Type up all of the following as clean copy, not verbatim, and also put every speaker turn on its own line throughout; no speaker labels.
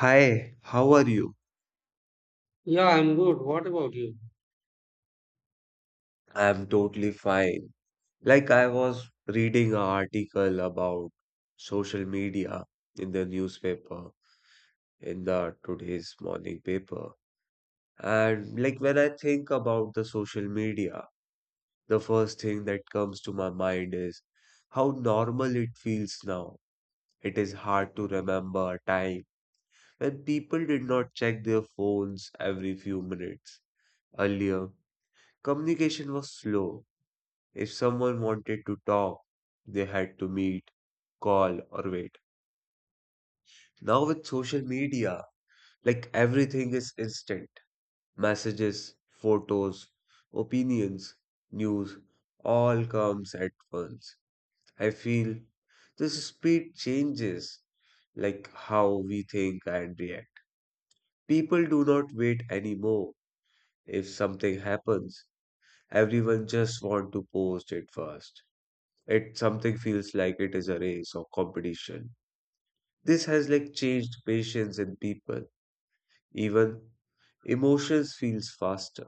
Hi, how are you?
Yeah, I'm good. What about you?
I'm totally fine. I was reading an article about social media in the newspaper, in the today's morning paper. And like When I think about the social media, the first thing that comes to my mind is how normal it feels now. It is hard to remember a time when people did not check their phones every few minutes. Earlier, communication was slow. If someone wanted to talk, they had to meet, call, or wait. Now, with social media, everything is instant messages, photos, opinions, news, all comes at once. I feel this speed changes how we think and react. People do not wait anymore. If something happens, everyone just want to post it first. It something feels like it is a race or competition. This has changed patience in people. Even emotions feels faster.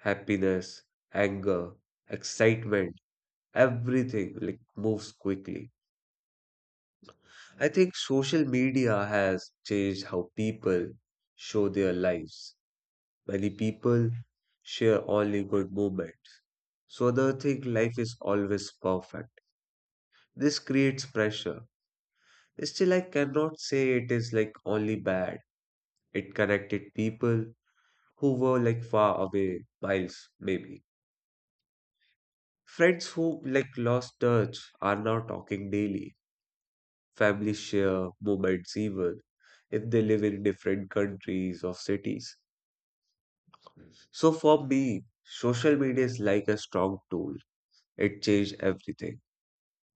Happiness, anger, excitement, everything moves quickly. I think social media has changed how people show their lives. Many people share only good moments. So they think life is always perfect. This creates pressure. Still, I cannot say it is only bad. It connected people who were far away, miles maybe. Friends who lost touch are now talking daily. Family share moments even if they live in different countries or cities. So for me, social media is like a strong tool. It changed everything.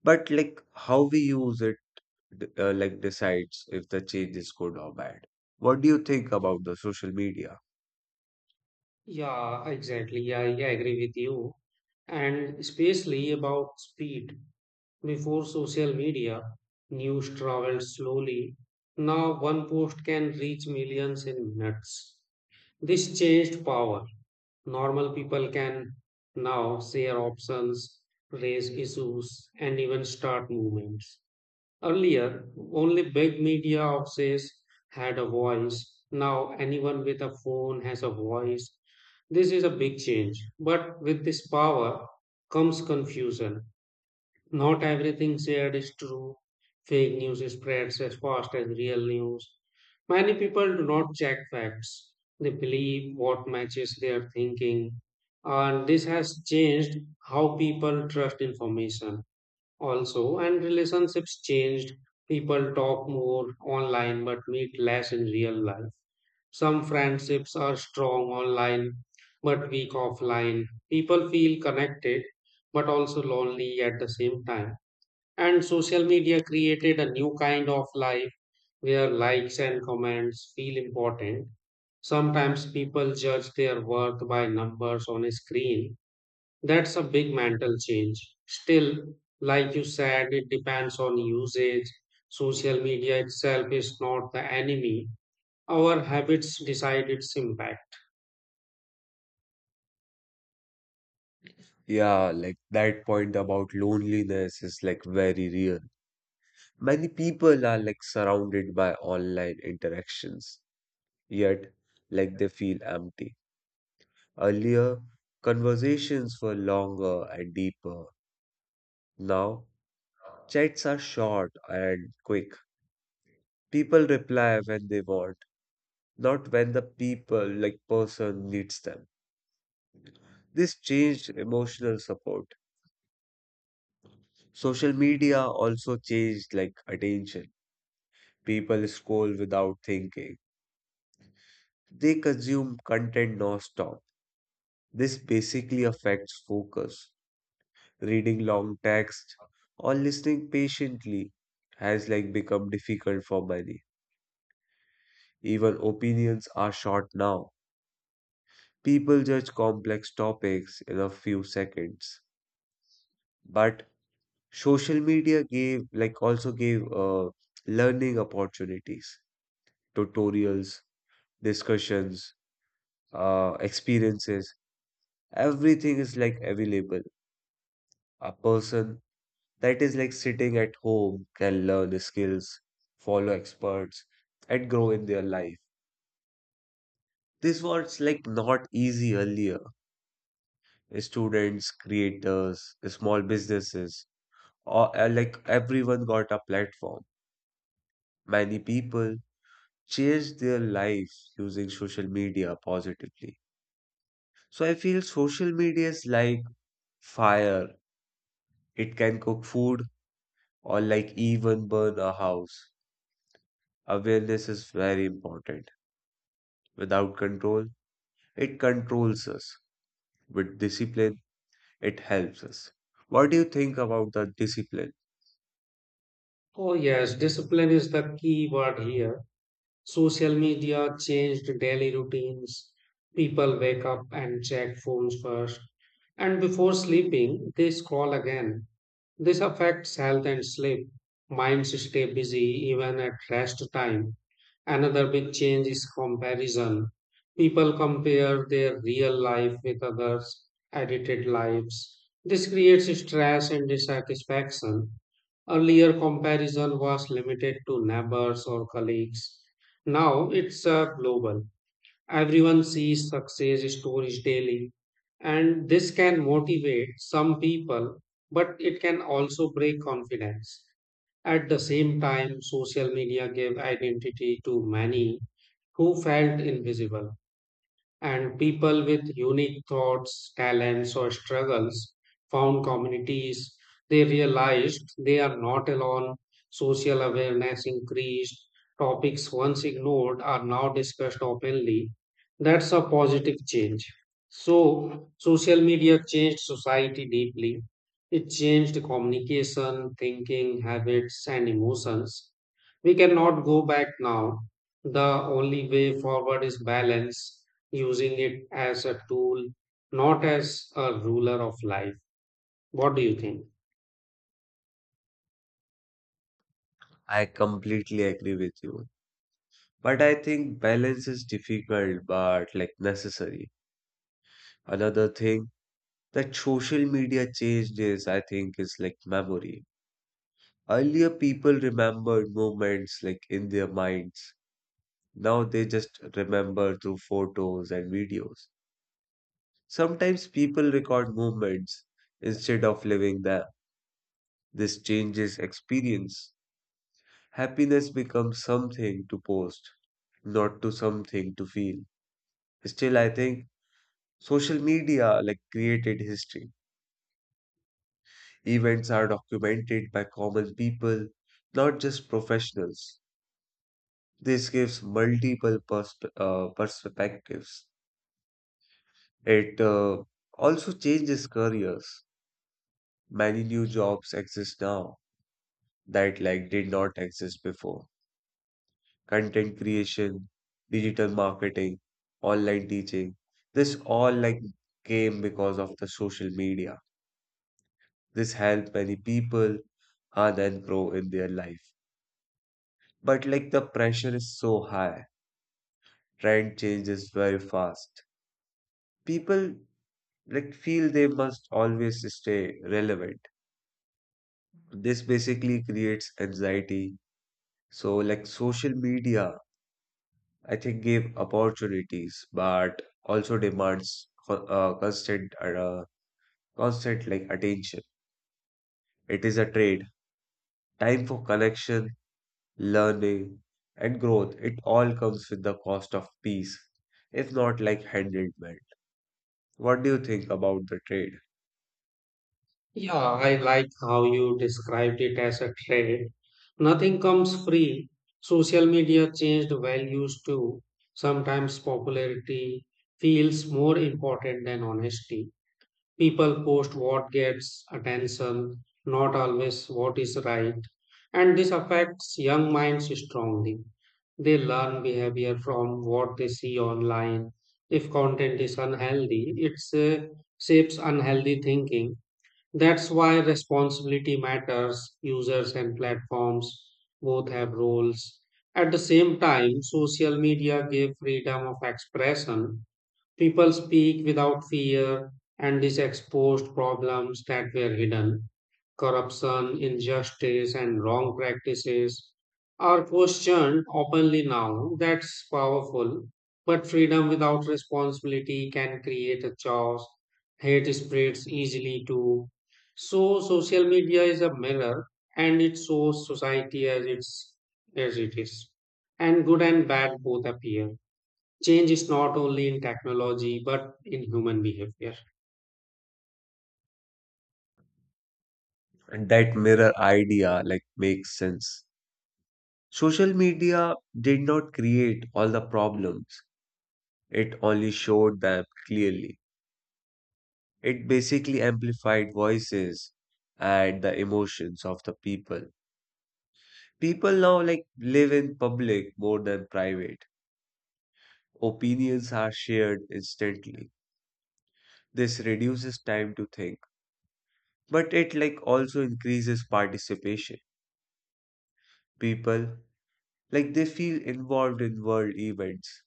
But how we use it, decides if the change is good or bad. What do you think about the social media?
Yeah, exactly. I agree with you. And especially about speed. Before social media, news traveled slowly. Now one post can reach millions in minutes. This changed power. Normal people can now share options, raise issues, and even start movements. Earlier, only big media houses had a voice. Now, anyone with a phone has a voice. This is a big change. But with this power comes confusion. Not everything shared is true. Fake news spreads as fast as real news. Many people do not check facts. They believe what matches their thinking. And this has changed how people trust information also, and relationships changed. People talk more online but meet less in real life. Some friendships are strong online but weak offline. People feel connected but also lonely at the same time. And social media created a new kind of life where likes and comments feel important. Sometimes people judge their worth by numbers on a screen. That's a big mental change. Still, like you said, it depends on usage. Social media itself is not the enemy. Our habits decide its impact.
Yeah, that point about loneliness is very real. Many people are surrounded by online interactions, yet they feel empty. Earlier, conversations were longer and deeper. Now, chats are short and quick. People reply when they want, not when the people person needs them. This changed emotional support. Social media also changed attention. People scroll without thinking. They consume content nonstop. This basically affects focus. Reading long text or listening patiently has become difficult for many. Even opinions are short now. People judge complex topics in a few seconds. But social media gave like also gave learning opportunities, tutorials, discussions, experiences. Everything is available. A person that is sitting at home can learn skills, follow experts, and grow in their life. This was not easy earlier. Students, creators, small businesses, or everyone got a platform. Many people changed their lives using social media positively. So I feel social media is like fire. It can cook food or even burn a house. Awareness is very important. Without control, it controls us. With discipline, it helps us. What do you think about the discipline?
Oh, yes, discipline is the key word here. Social media changed daily routines. People wake up and check phones first. And before sleeping, they scroll again. This affects health and sleep. Minds stay busy even at rest time. Another big change is comparison. People compare their real life with others' edited lives. This creates stress and dissatisfaction. Earlier, comparison was limited to neighbors or colleagues. Now it's global. Everyone sees success stories daily, and this can motivate some people, but it can also break confidence. At the same time, social media gave identity to many who felt invisible, and people with unique thoughts, talents, or struggles found communities. They realized they are not alone. Social awareness increased. Topics once ignored are now discussed openly. That's a positive change. So, social media changed society deeply. It changed communication, thinking, habits, and emotions. We cannot go back now. The only way forward is balance, using it as a tool, not as a ruler of life. What do you think?
I completely agree with you. But I think balance is difficult but necessary. Another thing that social media changed is, I think, is memory. Earlier, people remembered moments in their minds. Now they just remember through photos and videos. Sometimes people record movements instead of living them. This changes experience. Happiness becomes something to post, not to something to feel. Still, I think social media created history. Events are documented by common people, not just professionals. This gives multiple perspectives. It also changes careers. Many new jobs exist now that did not exist before. Content creation, digital marketing, online teaching, this all came because of the social media. This helped many people and then grow in their life. But the pressure is so high, trend changes very fast. People feel they must always stay relevant. This basically creates anxiety. So social media, I think, give opportunities, but also demands constant attention. It is a trade. Time for connection, learning, and growth. It all comes with the cost of peace, if not handedment. What do you think about the trade?
Yeah, I like how you described it as a trade. Nothing comes free. Social media changed values too. Sometimes popularity feels more important than honesty. People post what gets attention, not always what is right. And this affects young minds strongly. They learn behavior from what they see online. If content is unhealthy, it uh, shapes unhealthy thinking. That's why responsibility matters. Users and platforms both have roles. At the same time, social media gave freedom of expression. People speak without fear, and this exposed problems that were hidden. Corruption, injustice, and wrong practices are questioned openly now. That's powerful. But freedom without responsibility can create a chaos. Hate spreads easily too. So, social media is a mirror, and it shows society as it is. And good and bad both appear. Change is not only in technology but in human behavior.
And that mirror idea makes sense. Social media did not create all the problems. It only showed them clearly. It basically amplified voices and the emotions of the people. People now live in public more than private. Opinions are shared instantly. This reduces time to think, but it also increases participation. People they feel involved in world events.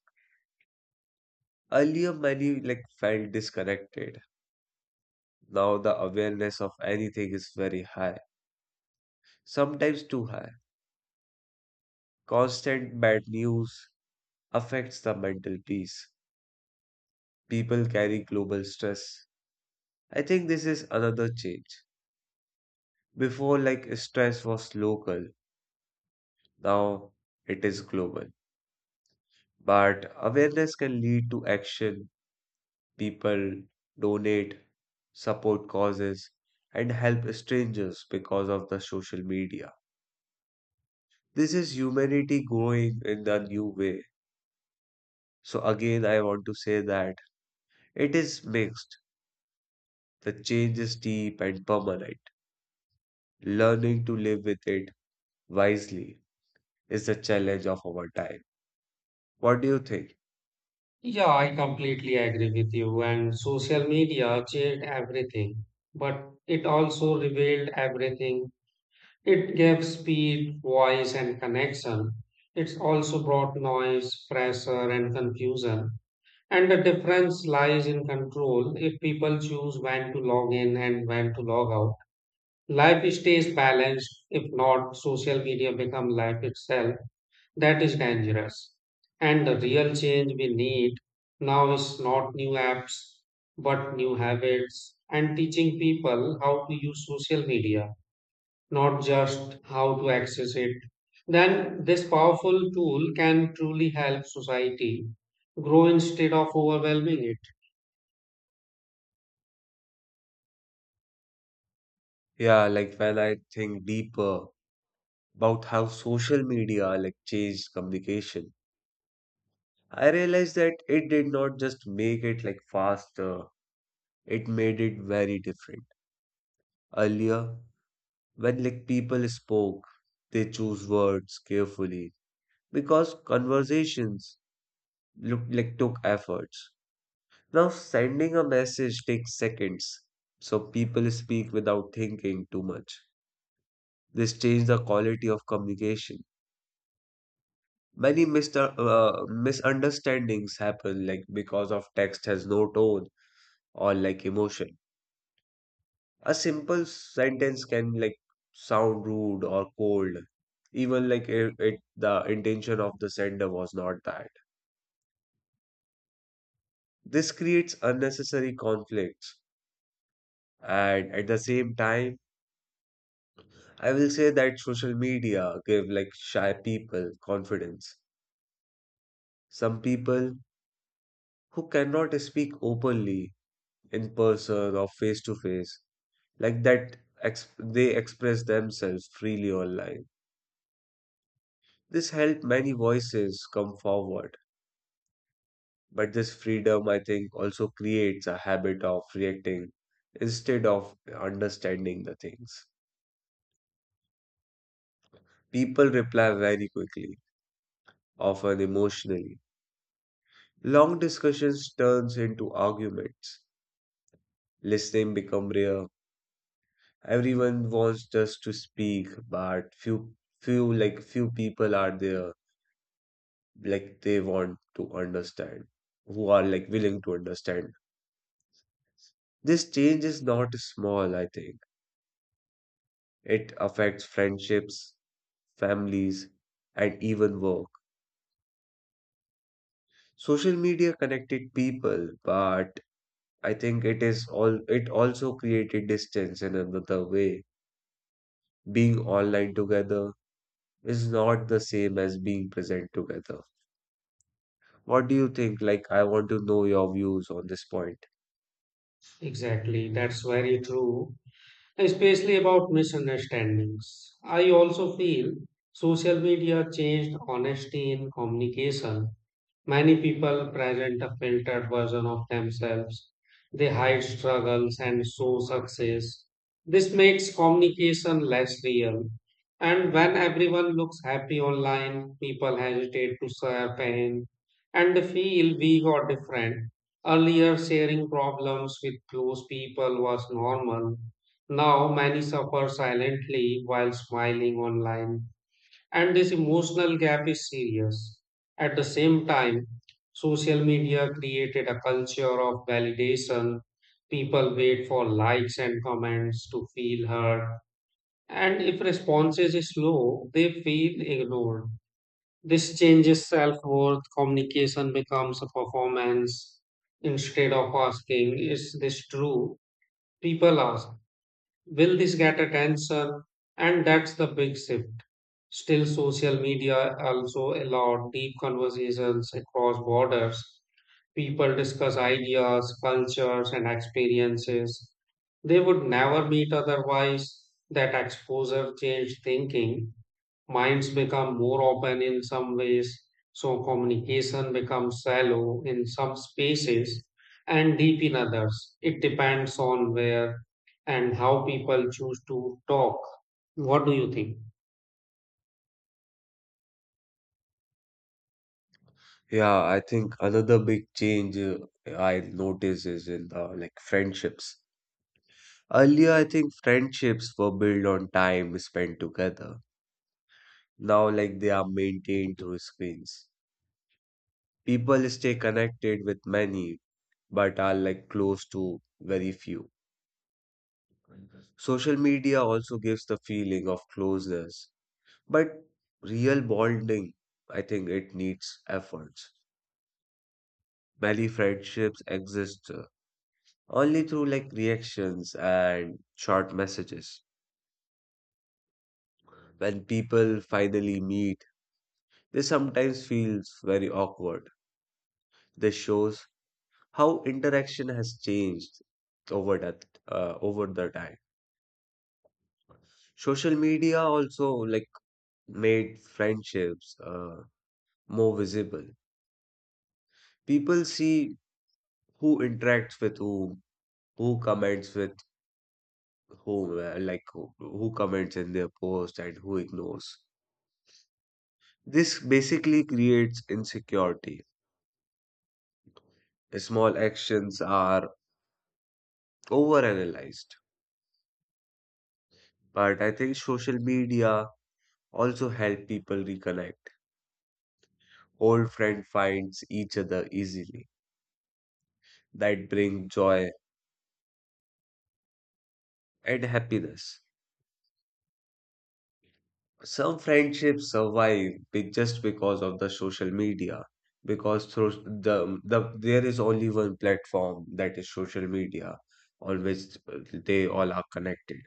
Earlier many felt disconnected. Now the awareness of anything is very high, sometimes too high. Constant bad news affects the mental peace. People carry global stress. I think this is another change. Before, stress was local, now it is global. But awareness can lead to action. People donate, support causes, and help strangers because of the social media. This is humanity growing in a new way. So, again, I want to say that it is mixed. The change is deep and permanent. Learning to live with it wisely is the challenge of our time. What do you think?
Yeah, I completely agree with you. And social media changed everything, but it also revealed everything. It gave speed, voice, and connection. It's also brought noise, pressure, and confusion. And the difference lies in control. If people choose when to log in and when to log out, life stays balanced. If not, social media become life itself. That is dangerous. And the real change we need now is not new apps, but new habits, and teaching people how to use social media, not just how to access it. Then this powerful tool can truly help society grow instead of overwhelming it.
Yeah, when I think deeper about how social media changed communication, I realized that it did not just make it faster, it made it very different. Earlier, when people spoke, they choose words carefully because conversations look like took efforts. Now sending a message takes seconds, so people speak without thinking too much. This changed the quality of communication. Many mister misunderstandings happen because of text has no tone or emotion. A simple sentence can sound rude or cold, even like it the intention of the sender was not that. This creates unnecessary conflicts. And at the same time, I will say that social media give shy people confidence. Some people who cannot speak openly in person or face to face, like that they express themselves freely online. This helped many voices come forward, but this freedom, I think, also creates a habit of reacting instead of understanding the things. People reply very quickly, often emotionally. Long discussions turns into arguments. Listening become rare. Everyone wants just to speak, but few people are there they want to understand, who are willing to understand. This change is not small, I think. It affects friendships, families, and even work. Social media connected people, but I think it is all it also created distance in another way. Being online together is not the same as being present together. What do you think? I want to know your views on this point.
Exactly, that's very true, especially about misunderstandings. I also feel social media changed honesty in communication. Many people present a filtered version of themselves. They hide struggles and show success. This makes communication less real. And when everyone looks happy online, people hesitate to share pain and feel weak or different. Earlier, sharing problems with close people was normal. Now, many suffer silently while smiling online. And this emotional gap is serious. At the same time, social media created a culture of validation. People wait for likes and comments to feel heard. And if responses is slow, they feel ignored. This changes self worth. Communication becomes a performance. Instead of asking, is this true? People ask, will this get attention? And that's the big shift. Still, social media also allow deep conversations across borders. People discuss ideas, cultures, and experiences they would never meet otherwise. That exposure changed thinking, minds become more open in some ways. So communication becomes shallow in some spaces and deep in others. It depends on where and how people choose to talk. What do you think?
Yeah, I think another big change, I notice is in the friendships. Earlier, I think friendships were built on time spent together. Now, they are maintained through screens. People stay connected with many, but are close to very few. Social media also gives the feeling of closeness, but real bonding, I think, it needs efforts. Many friendships exist only through reactions and short messages. When people finally meet, they sometimes feel very awkward. This shows how interaction has changed over the time. Social media also made friendships more visible. People see who interacts with whom, who comments with whom, who comments in their post and who ignores. This basically creates insecurity. Small actions are overanalyzed. But I think social media also help people reconnect. Old friend finds each other easily. That bring joy and happiness. Some friendships survive just because of the social media. Because through there is only one platform that is social media on which they all are connected.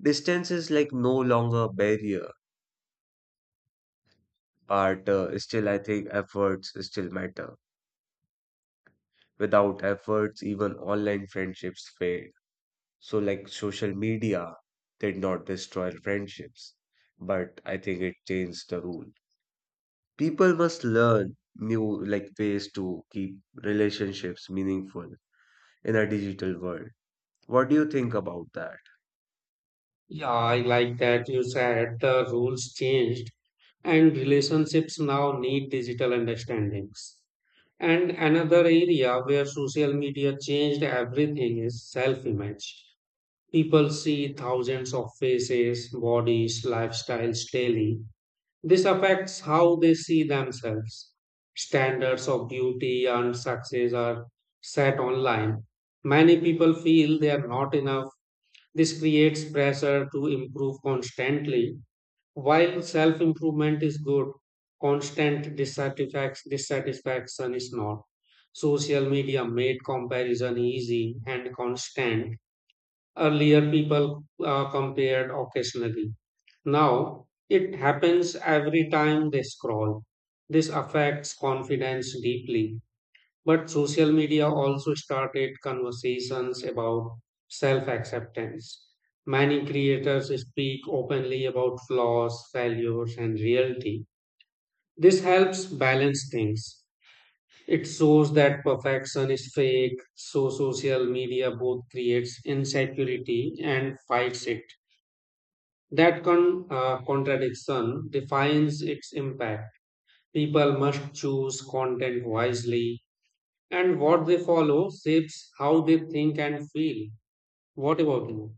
Distance is no longer a barrier. But still, I think efforts still matter. Without efforts, even online friendships fade. So, social media did not destroy friendships, but I think it changed the rule. People must learn new ways to keep relationships meaningful in a digital world. What do you think about that?
Yeah, I like that you said the rules changed, and relationships now need digital understandings. And another area where social media changed everything is self image. People see thousands of faces, bodies, lifestyles daily. This affects how they see themselves. Standards of beauty and success are set online. Many people feel they are not enough. This creates pressure to improve constantly. While self improvement is good, constant dissatisfaction is not. Social media made comparison easy and constant. Earlier, people compared occasionally. Now, it happens every time they scroll. This affects confidence deeply. But social media also started conversations about self acceptance. Many creators speak openly about flaws, failures, and reality. This helps balance things. It shows that perfection is fake, so social media both creates insecurity and fights it. That contradiction defines its impact. People must choose content wisely, and what they follow shapes how they think and feel. What about you?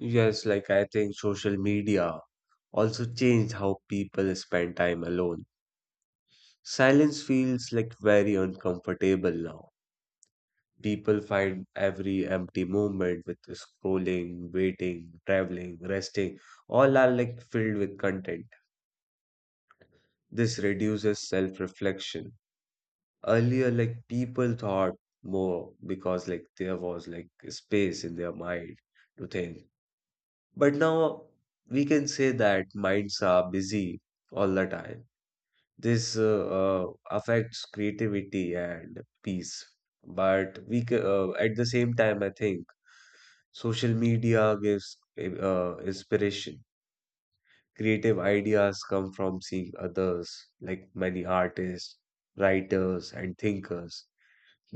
Yes, I think social media also changed how people spend time alone. Silence feels very uncomfortable now. People find every empty moment with scrolling, waiting, traveling, resting, all are filled with content. This reduces self reflection. Earlier, people thought more because there was space in their mind to think. But now we can say that minds are busy all the time. This affects creativity and peace. At the same time, I think social media gives inspiration. Creative ideas come from seeing others, many artists, writers, and thinkers.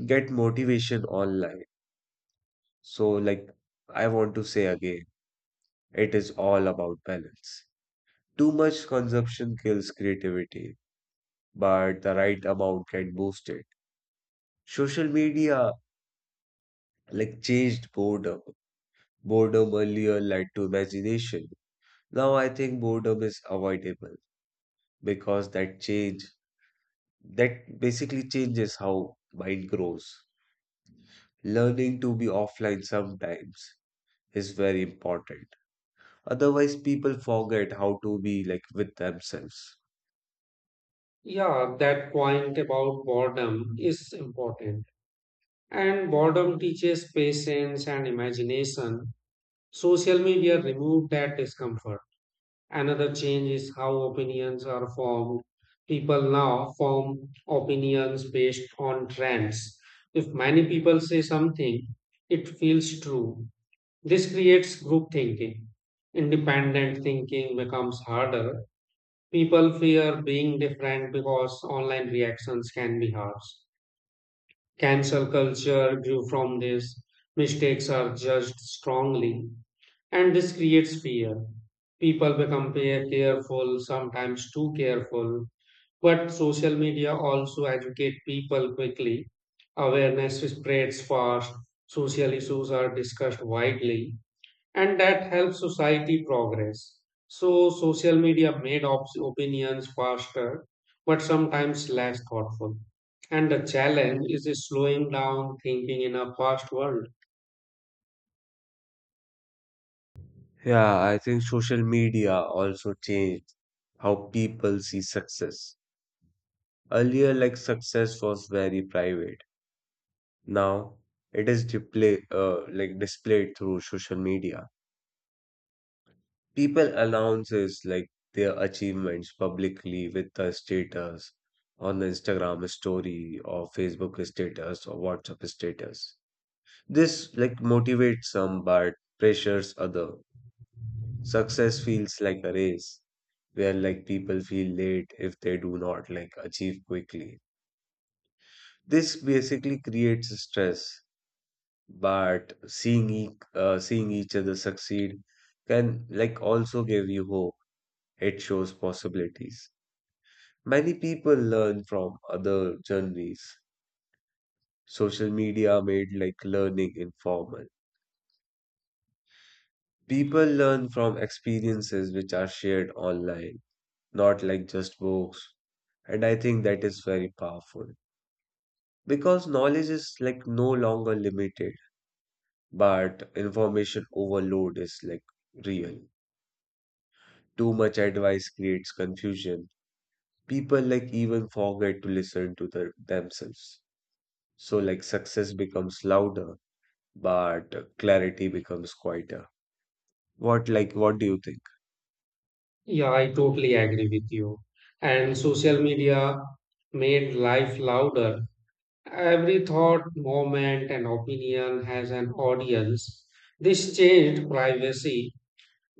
Get motivation online. So, I want to say again, it is all about balance. Too much consumption kills creativity, but the right amount can boost it. Social media, changed boredom. Boredom earlier led to imagination. Now I think boredom is avoidable, because that change that basically changes how mind grows. Learning to be offline sometimes is very important. Otherwise, people forget how to be with themselves.
Yeah, that point about boredom is important. And boredom teaches patience and imagination. Social media removed that discomfort. Another change is how opinions are formed. People now form opinions based on trends. If many people say something, it feels true. This creates group thinking. Independent thinking becomes harder. People fear being different because online reactions can be harsh. Cancel culture grew from this. Mistakes are judged strongly. And this creates fear. People become careful, sometimes too careful. But social media also educate people quickly. Awareness spreads fast. Social issues are discussed widely, and that helps society progress. So social media made opinions faster, but sometimes less thoughtful. And the challenge is slowing down thinking in a fast world.
Yeah, I think social media also changed how people see success. Earlier, success was very private. Now it is display, displayed through social media. People announces their achievements publicly with a status on the Instagram story or Facebook status or WhatsApp status. This motivates some but pressures other. Success feels like a race where people feel late if they do not achieve quickly. This basically creates stress, but seeing each other succeed can also give you hope. It shows possibilities. Many people learn from other journeys. Social media made learning informal. People learn from experiences which are shared online, not just books. And I think that is very powerful because knowledge is no longer limited, but information overload is real. Too much advice creates confusion. People even forget to listen to themselves. So success becomes louder but clarity becomes quieter. What do you think?
Yeah, I totally agree with you. And social media made life louder. Every thought, moment, and opinion has an audience. This changed privacy.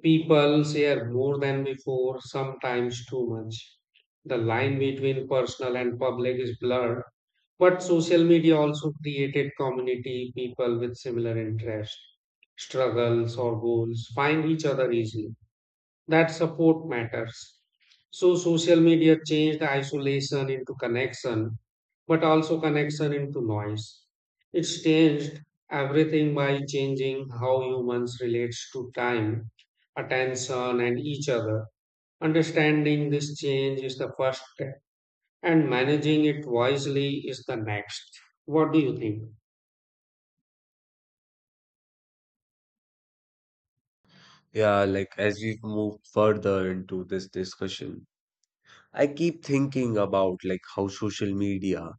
People share more than before, sometimes too much. The line between personal and public is blurred. But social media also created community. People with similar interests, struggles, or goals find each other easily. That support matters. So social media changed isolation into connection, but also connection into noise. It's changed everything by changing how humans relates to time, attention, and each other. Understanding this change is the first step, and managing it wisely is the next. What do you think?
Yeah, as we move further into this discussion, I keep thinking about how social media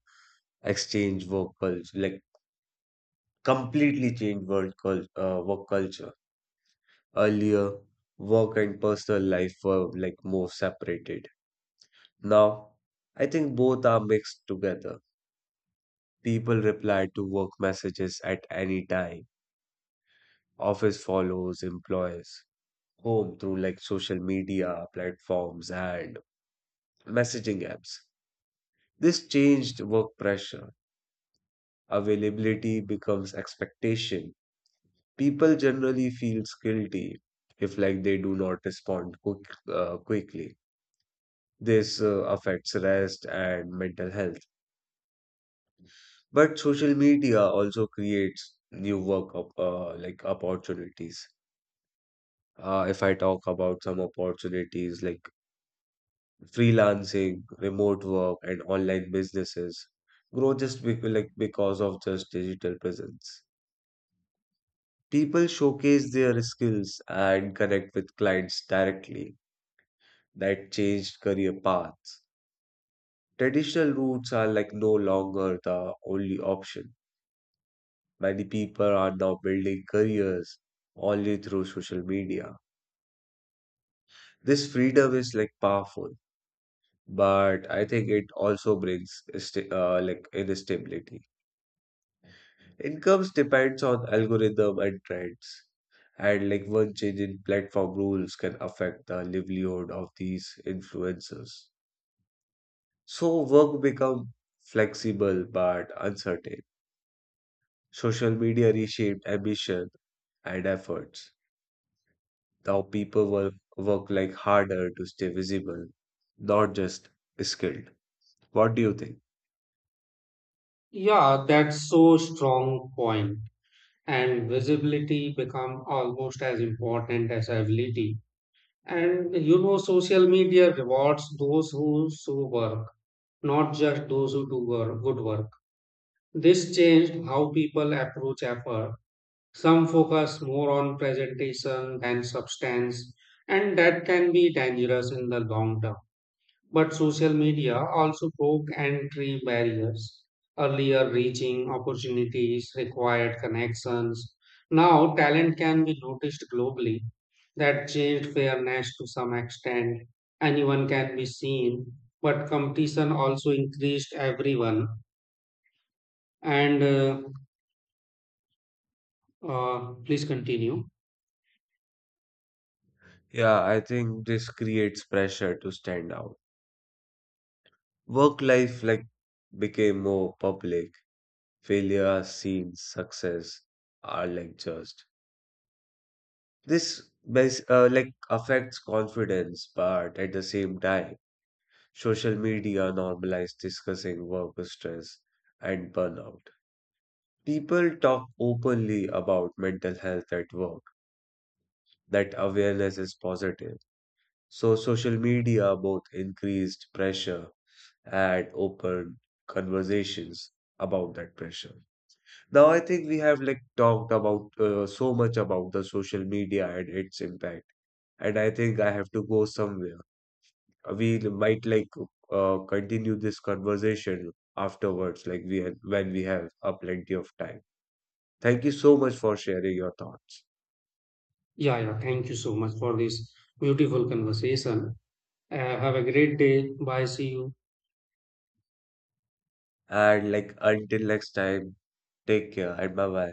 exchange work culture, like completely change work culture. Earlier, work and personal life were more separated. Now, I think both are mixed together. People reply to work messages at any time. Office follows employees home through social media platforms and messaging apps. This changed work pressure. Availability becomes expectation. People generally feels guilty if they do not respond quickly. This affects rest and mental health. But social media also creates new work opportunities. If I talk about some opportunities like freelancing, remote work, and online businesses grow just because of just digital presence. People showcase their skills and connect with clients directly. That changed career paths. Traditional routes are no longer the only option. Many people are now building careers only through social media. This freedom is powerful, but I think it also brings instability. Incomes depends on algorithm and trends. And one change in platform rules can affect the livelihood of these influencers. So work become flexible but uncertain. Social media reshaped ambition and efforts. Now people work harder to stay visible, not just skilled. What do you think?
Yeah, that's so strong point. And visibility become almost as important as ability. And you know, social media rewards those who show work, not just those who do work, good work. This changed how people approach effort. Some focus more on presentation than substance, and that can be dangerous in the long term. But social media also broke entry barriers. Earlier, reaching opportunities required connections. Now, talent can be noticed globally. That changed fairness to some extent. Anyone can be seen, but competition also increased everyone. And Please continue.
Yeah, I think this creates pressure to stand out. Work life became more public. Failure are seen, success are judged. This affects confidence, but at the same time, social media normalized discussing work stress and burnout. People talk openly about mental health at work. That awareness is positive. So social media both increased pressure and open conversations about that pressure. Now, I think we have talked about so much about the social media and its impact, and I think I have to go somewhere. We might continue this conversation afterwards, when we have a plenty of time. Thank you so much for sharing your thoughts.
Yeah, yeah. Thank you so much for this beautiful conversation. Have a great day. Bye. See you.
And until next time, take care and bye bye.